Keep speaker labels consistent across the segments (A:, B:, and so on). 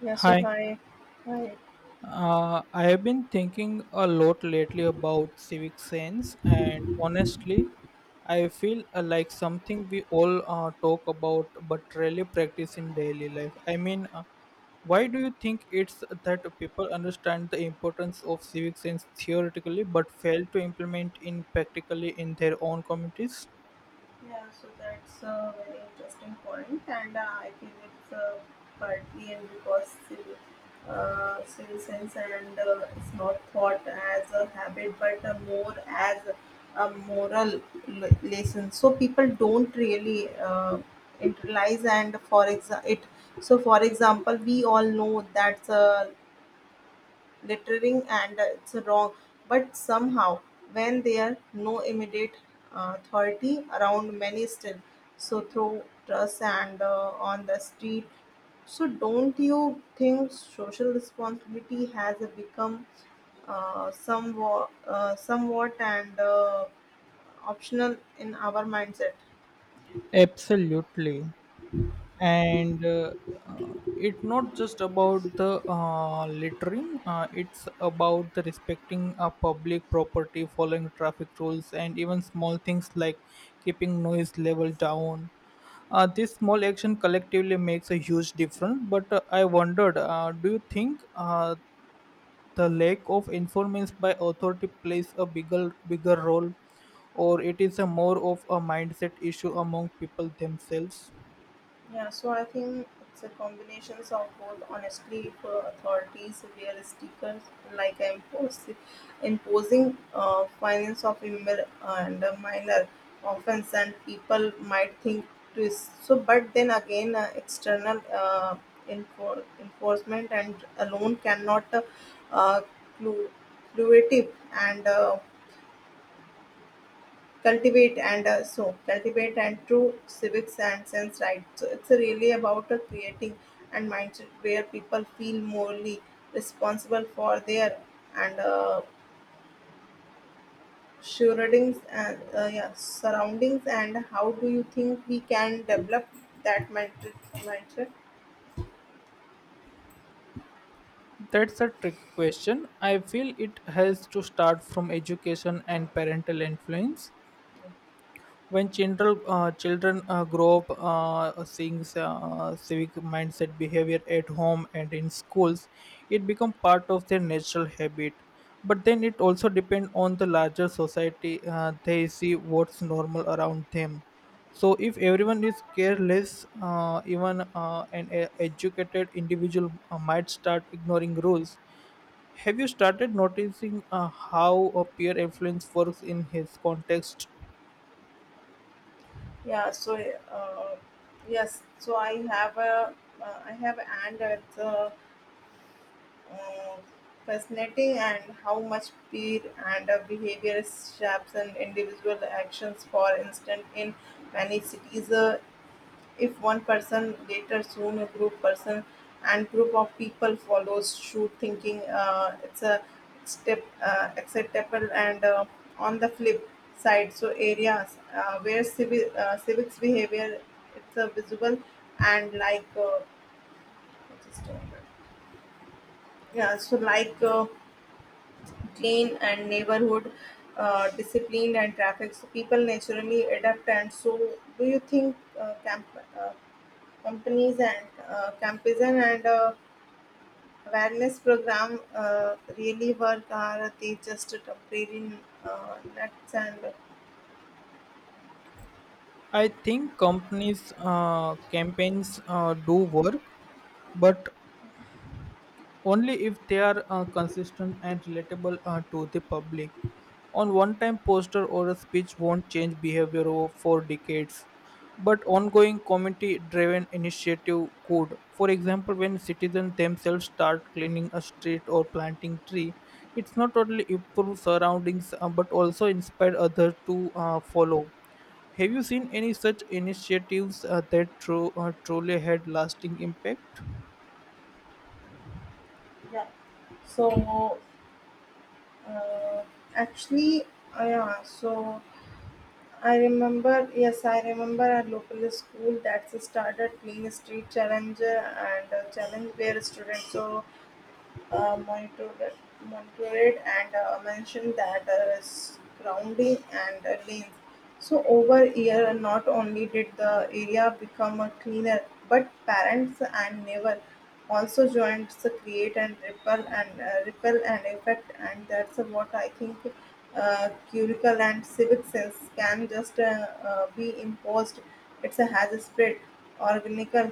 A: Yeah, so
B: Hi.
A: hi. Hi.
B: I have been thinking a lot lately about civic sense, and honestly, I feel like something we all talk about but rarely practice in daily life. Why do you think it's that people understand the importance of civic sense theoretically but fail to implement in practically in their own communities?
A: Yeah, so that's a very interesting point, and I feel it's partly and because still, still sense and it's not thought as a habit, but more as a moral lesson. So people don't really internalize, and it. So for example, we all know that littering and it's wrong. But somehow, when there are no immediate authority around, many still so throw trust and on the street. So don't you think social responsibility has become somewhat, somewhat and optional in our mindset?
B: Absolutely. And It's not just about the littering, it's about the respecting a public property, following traffic rules, and even small things like keeping noise level down. This small action collectively makes a huge difference, but I wondered, do you think the lack of informants by authority plays a bigger role, or it is a more of a mindset issue among people themselves?
A: Yeah, so I think it's a combination of both. Honestly, for authorities, real stickers like imposing finance of and a minor offense, and people might think twist. So, but then again, external enforcement and alone cannot uh, clu- cluative and cultivate and cultivate and true civics and sense, right? So it's really about creating and mindset where people feel morally responsible for their and surroundings and surroundings, and how do you think we can develop that mindset?
B: That's a tricky question. I feel it has to start from education and parental influence. When children grow up seeing civic mindset behavior at home and in schools, it becomes part of their natural habit. But then it also depends on the larger society, they see what's normal around them. So if everyone is careless, even educated individual might start ignoring rules. Have you started noticing how a peer influence works in his context?
A: yeah so uh, yes so I have and it's uh, fascinating and how much peer and behavior shapes and individual actions. For instance, in many cities, if one person later soon a group person and group of people follows suit, thinking it's a step acceptable and on the flip side. So areas where civics behavior it's a visible and like just a moment. Yeah, so like. Clean and neighborhood disciplined and traffic so people naturally adapt. And so do you think camp uh, companies and campison and awareness program really work, are they just temporary nuts and
B: I think companies' campaigns do work, but only if they are consistent and relatable to the public. On one time poster or a speech won't change behavior for decades, but ongoing community driven initiative could. For example, when citizens themselves start cleaning a street or planting tree, it's not only improve surroundings but also inspire others to follow. Have you seen any such initiatives that truly had lasting impact?
A: Yeah. So uh, actually uh, yeah so I remember, yes, I remember a local school that started playing street challenger and a challenge where students so uh, monitored, monitored and mentioned that grounding and lanes. So over year, not only did the area become cleaner, but parents and neighbor also joined to create and ripple and ripple and effect, and that's what I think. Curricle and civic sense can just be imposed. It's a has spread organical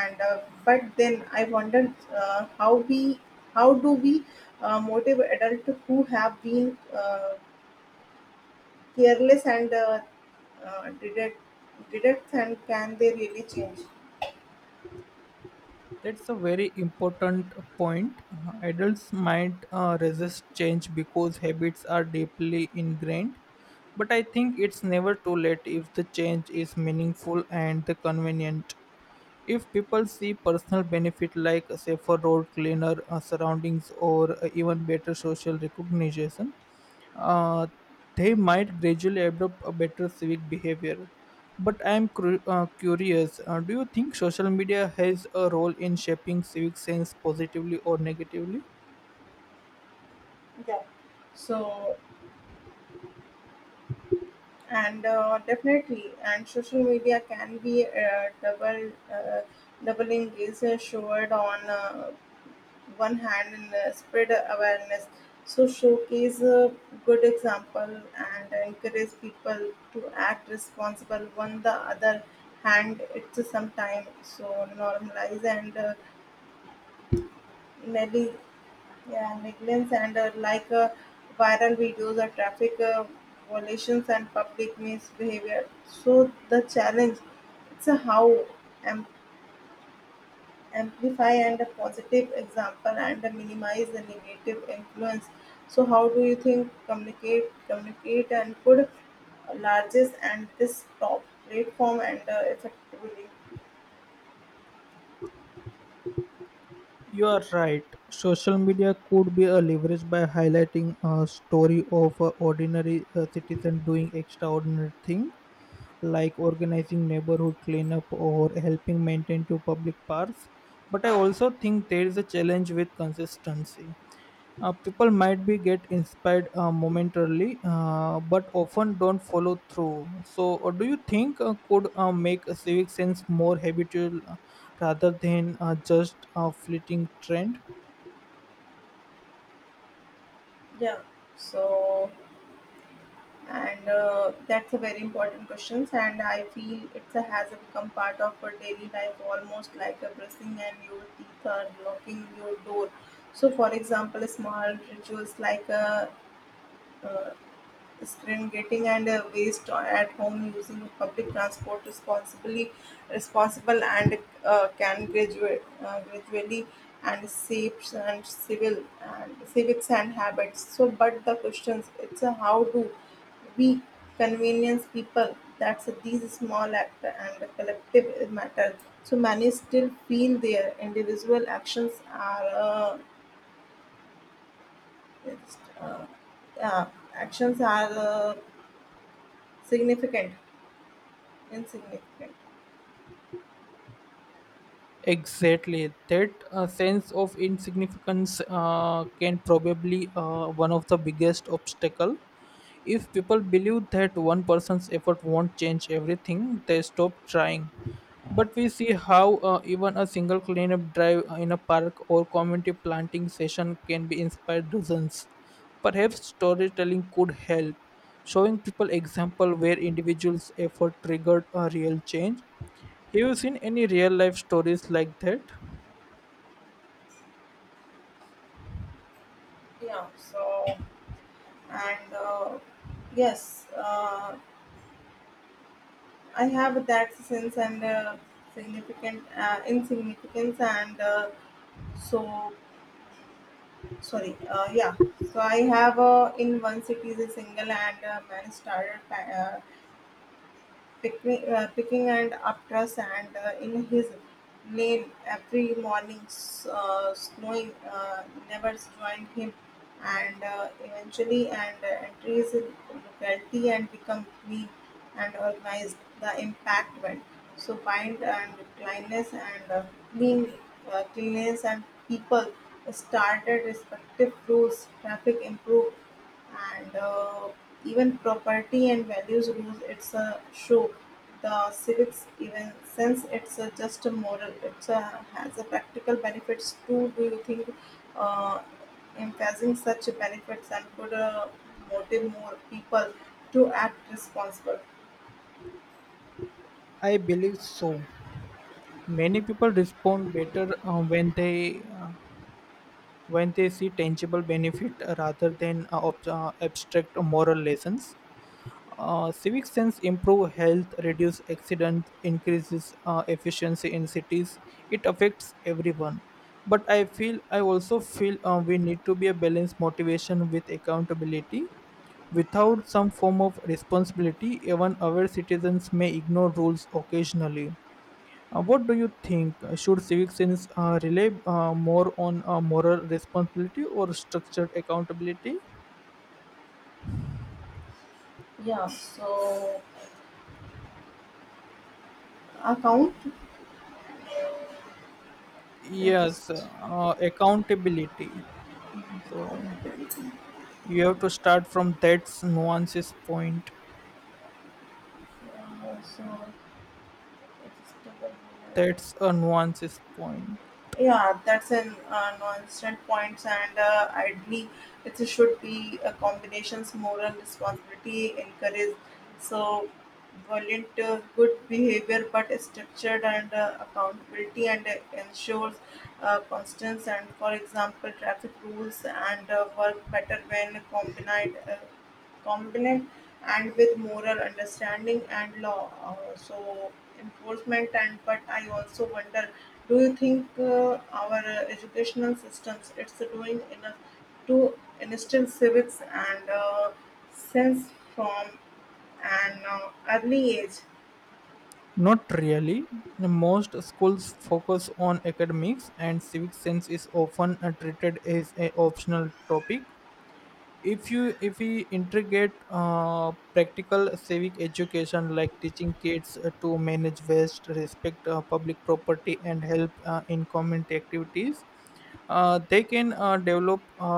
A: and but then I wondered, how do we motivate adults who have been careless and uh, did it did it, and can they really change?
B: That's a very important point. Adults might resist change because habits are deeply ingrained, but I think it's never too late if the change is meaningful and the convenient. If people see personal benefit like a safer road, cleaner surroundings, or even better social recognition, uh, they might gradually adopt a better civic behavior. But i am curious, do you think social media has a role in shaping civic sense positively or negatively?
A: Yeah. So and definitely and social media can be double doubling is showed. On one hand and spread awareness, so showcase good example and encourage people to act responsible. On the other hand, it's sometime so normalize and neg- yeah, negligence and like viral videos or traffic violations and public misbehavior. So the challenge it's a how amplify and a positive example and minimize the negative influence. So how do you think communicate and could largest and this top platform and effectively?
B: You are right, social media could be a leverage by highlighting a story of an ordinary citizen doing extraordinary thing, like organizing neighborhood cleanup or helping maintain two public parks. But I also think there is a challenge with consistency. People might be get inspired momentarily, but often don't follow through. So, do you think could make a civic sense more habitual rather than just a fleeting trend?
A: Yeah so and uh, that's a very important question, and I feel it's a, has become part of our daily life, almost like a brushing and your teeth or locking your door. So for example, small rituals like uh, screen getting and waste at home, using public transport responsibly, responsible and can graduate gradually and shapes and civil and civics and habits. So but the questions it's a, how do we convenience people that's these small act and collective matter? So many still feel their individual actions are it's, uh, uh, actions are significant insignificant.
B: Exactly, that sense of insignificance can probably one of the biggest obstacle. If people believe that one person's effort won't change everything, they stop trying. But we see how even a single cleanup drive in a park or community planting session can be inspire dozens. Perhaps storytelling could help, showing people example where individuals' effort triggered a real change. Have you seen any real life stories like that?
A: Yeah. So, and yes, I have that sense and significant insignificance and so sorry. I have in one city is a single and man started picking and after sand in his nail every morning snowing never joined him and eventually and enters in locality and become clean and organized. The impact went so bind and cleanness and clean cleanliness and people started respective rules, traffic improved, and even property and values rules it's a show, the civics even since it's a just a moral it's a, has a practical benefits too. Do you think uh, emphasizing such benefits and could motivate more people to act responsible?
B: I believe so. Many people respond better when they when they see tangible benefit rather than abstract moral lessons. Civic sense improve health, reduce accidents, increases efficiency in cities. It affects everyone. But I also feel we need to be a balanced motivation with accountability. Without some form of responsibility, even our citizens may ignore rules occasionally. What do you think? Should civic sense rely more on moral responsibility or structured accountability?
A: yeah so account yeah, just,
B: Yes, accountability. So you have to start from that's nuances point.
A: so it's double.
B: That's a nuances point.
A: Yeah, that's an nonsense points, and ideally, it should be a combinations moral responsibility encourage, so violent good behavior, but structured and accountability and ensures constance. And for example, traffic rules and work better when combined. Competent and with moral understanding and law enforcement. And but I also wonder, do you think our educational systems it's doing enough to instill civics and sense from an early age?
B: Not really. Most schools focus on academics, and civic sense is often treated as an optional topic. If you if we integrate practical civic education like teaching kids to manage waste, respect public property, and help in community activities, they can develop a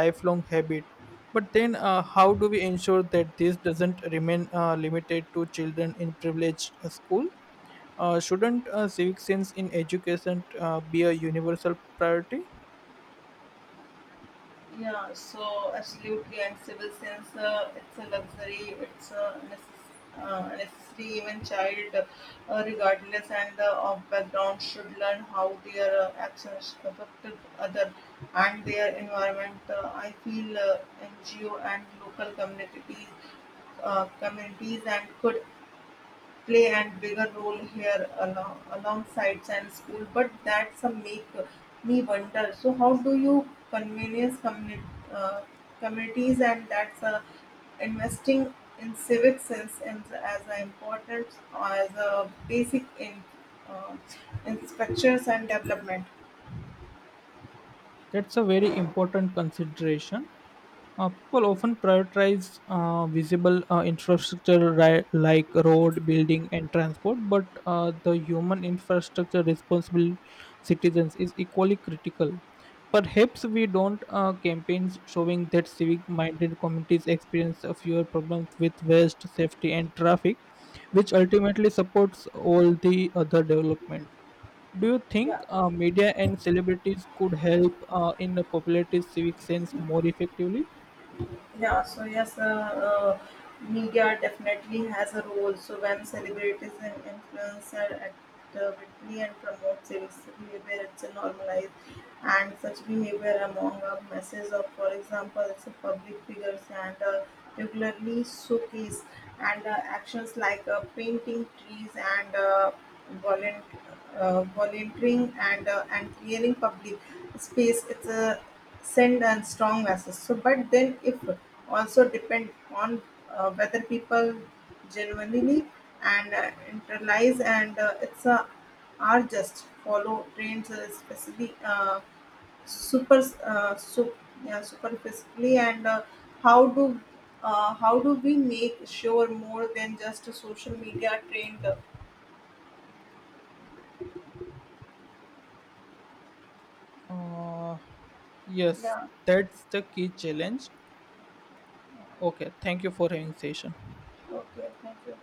B: lifelong habit. But then how do we ensure that this doesn't remain limited to children in privileged school? Shouldn't civic sense in education be a universal priority?
A: Yeah, so absolutely, and civil sense, it's a luxury, it's a necessity. Even child, regardless and of background, should learn how their actions affected other and their environment. I feel NGO and local communities and could play and bigger role here alongside science school. But that's a make me wonder, so how do you convenience uh, communities and that's a investing in civic sense and as an important as a basic uh, in structures and development?
B: That's a very important consideration. People often prioritize visible infrastructure like road, building, and transport, but the human infrastructure, responsible citizens, is equally critical. Perhaps we don't campaigns showing that civic-minded communities experience fewer problems with waste, safety, and traffic, which ultimately supports all the other development. Do you think
A: Yeah.
B: media and celebrities could help in popularity's civic sense more effectively?
A: Yeah, so yes, uh, uh, Media definitely has a role. So when celebrities and influencer actively and promote civic behavior, it's a normalized and such behavior among a masses of. For example, it's a public figures and regularly showcase and actions like painting trees and Volunt- volunteering and clearing public space it's a send and strong message. So but then if also depend on whether people genuinely and internalize and it's a are just follow trends, super uh, sup, yeah, superficially and how do how do we make sure more than just a social media trend,
B: Uh, yes,
A: yeah.
B: that's the key challenge. Okay, thank you for having session.
A: Okay, thank you.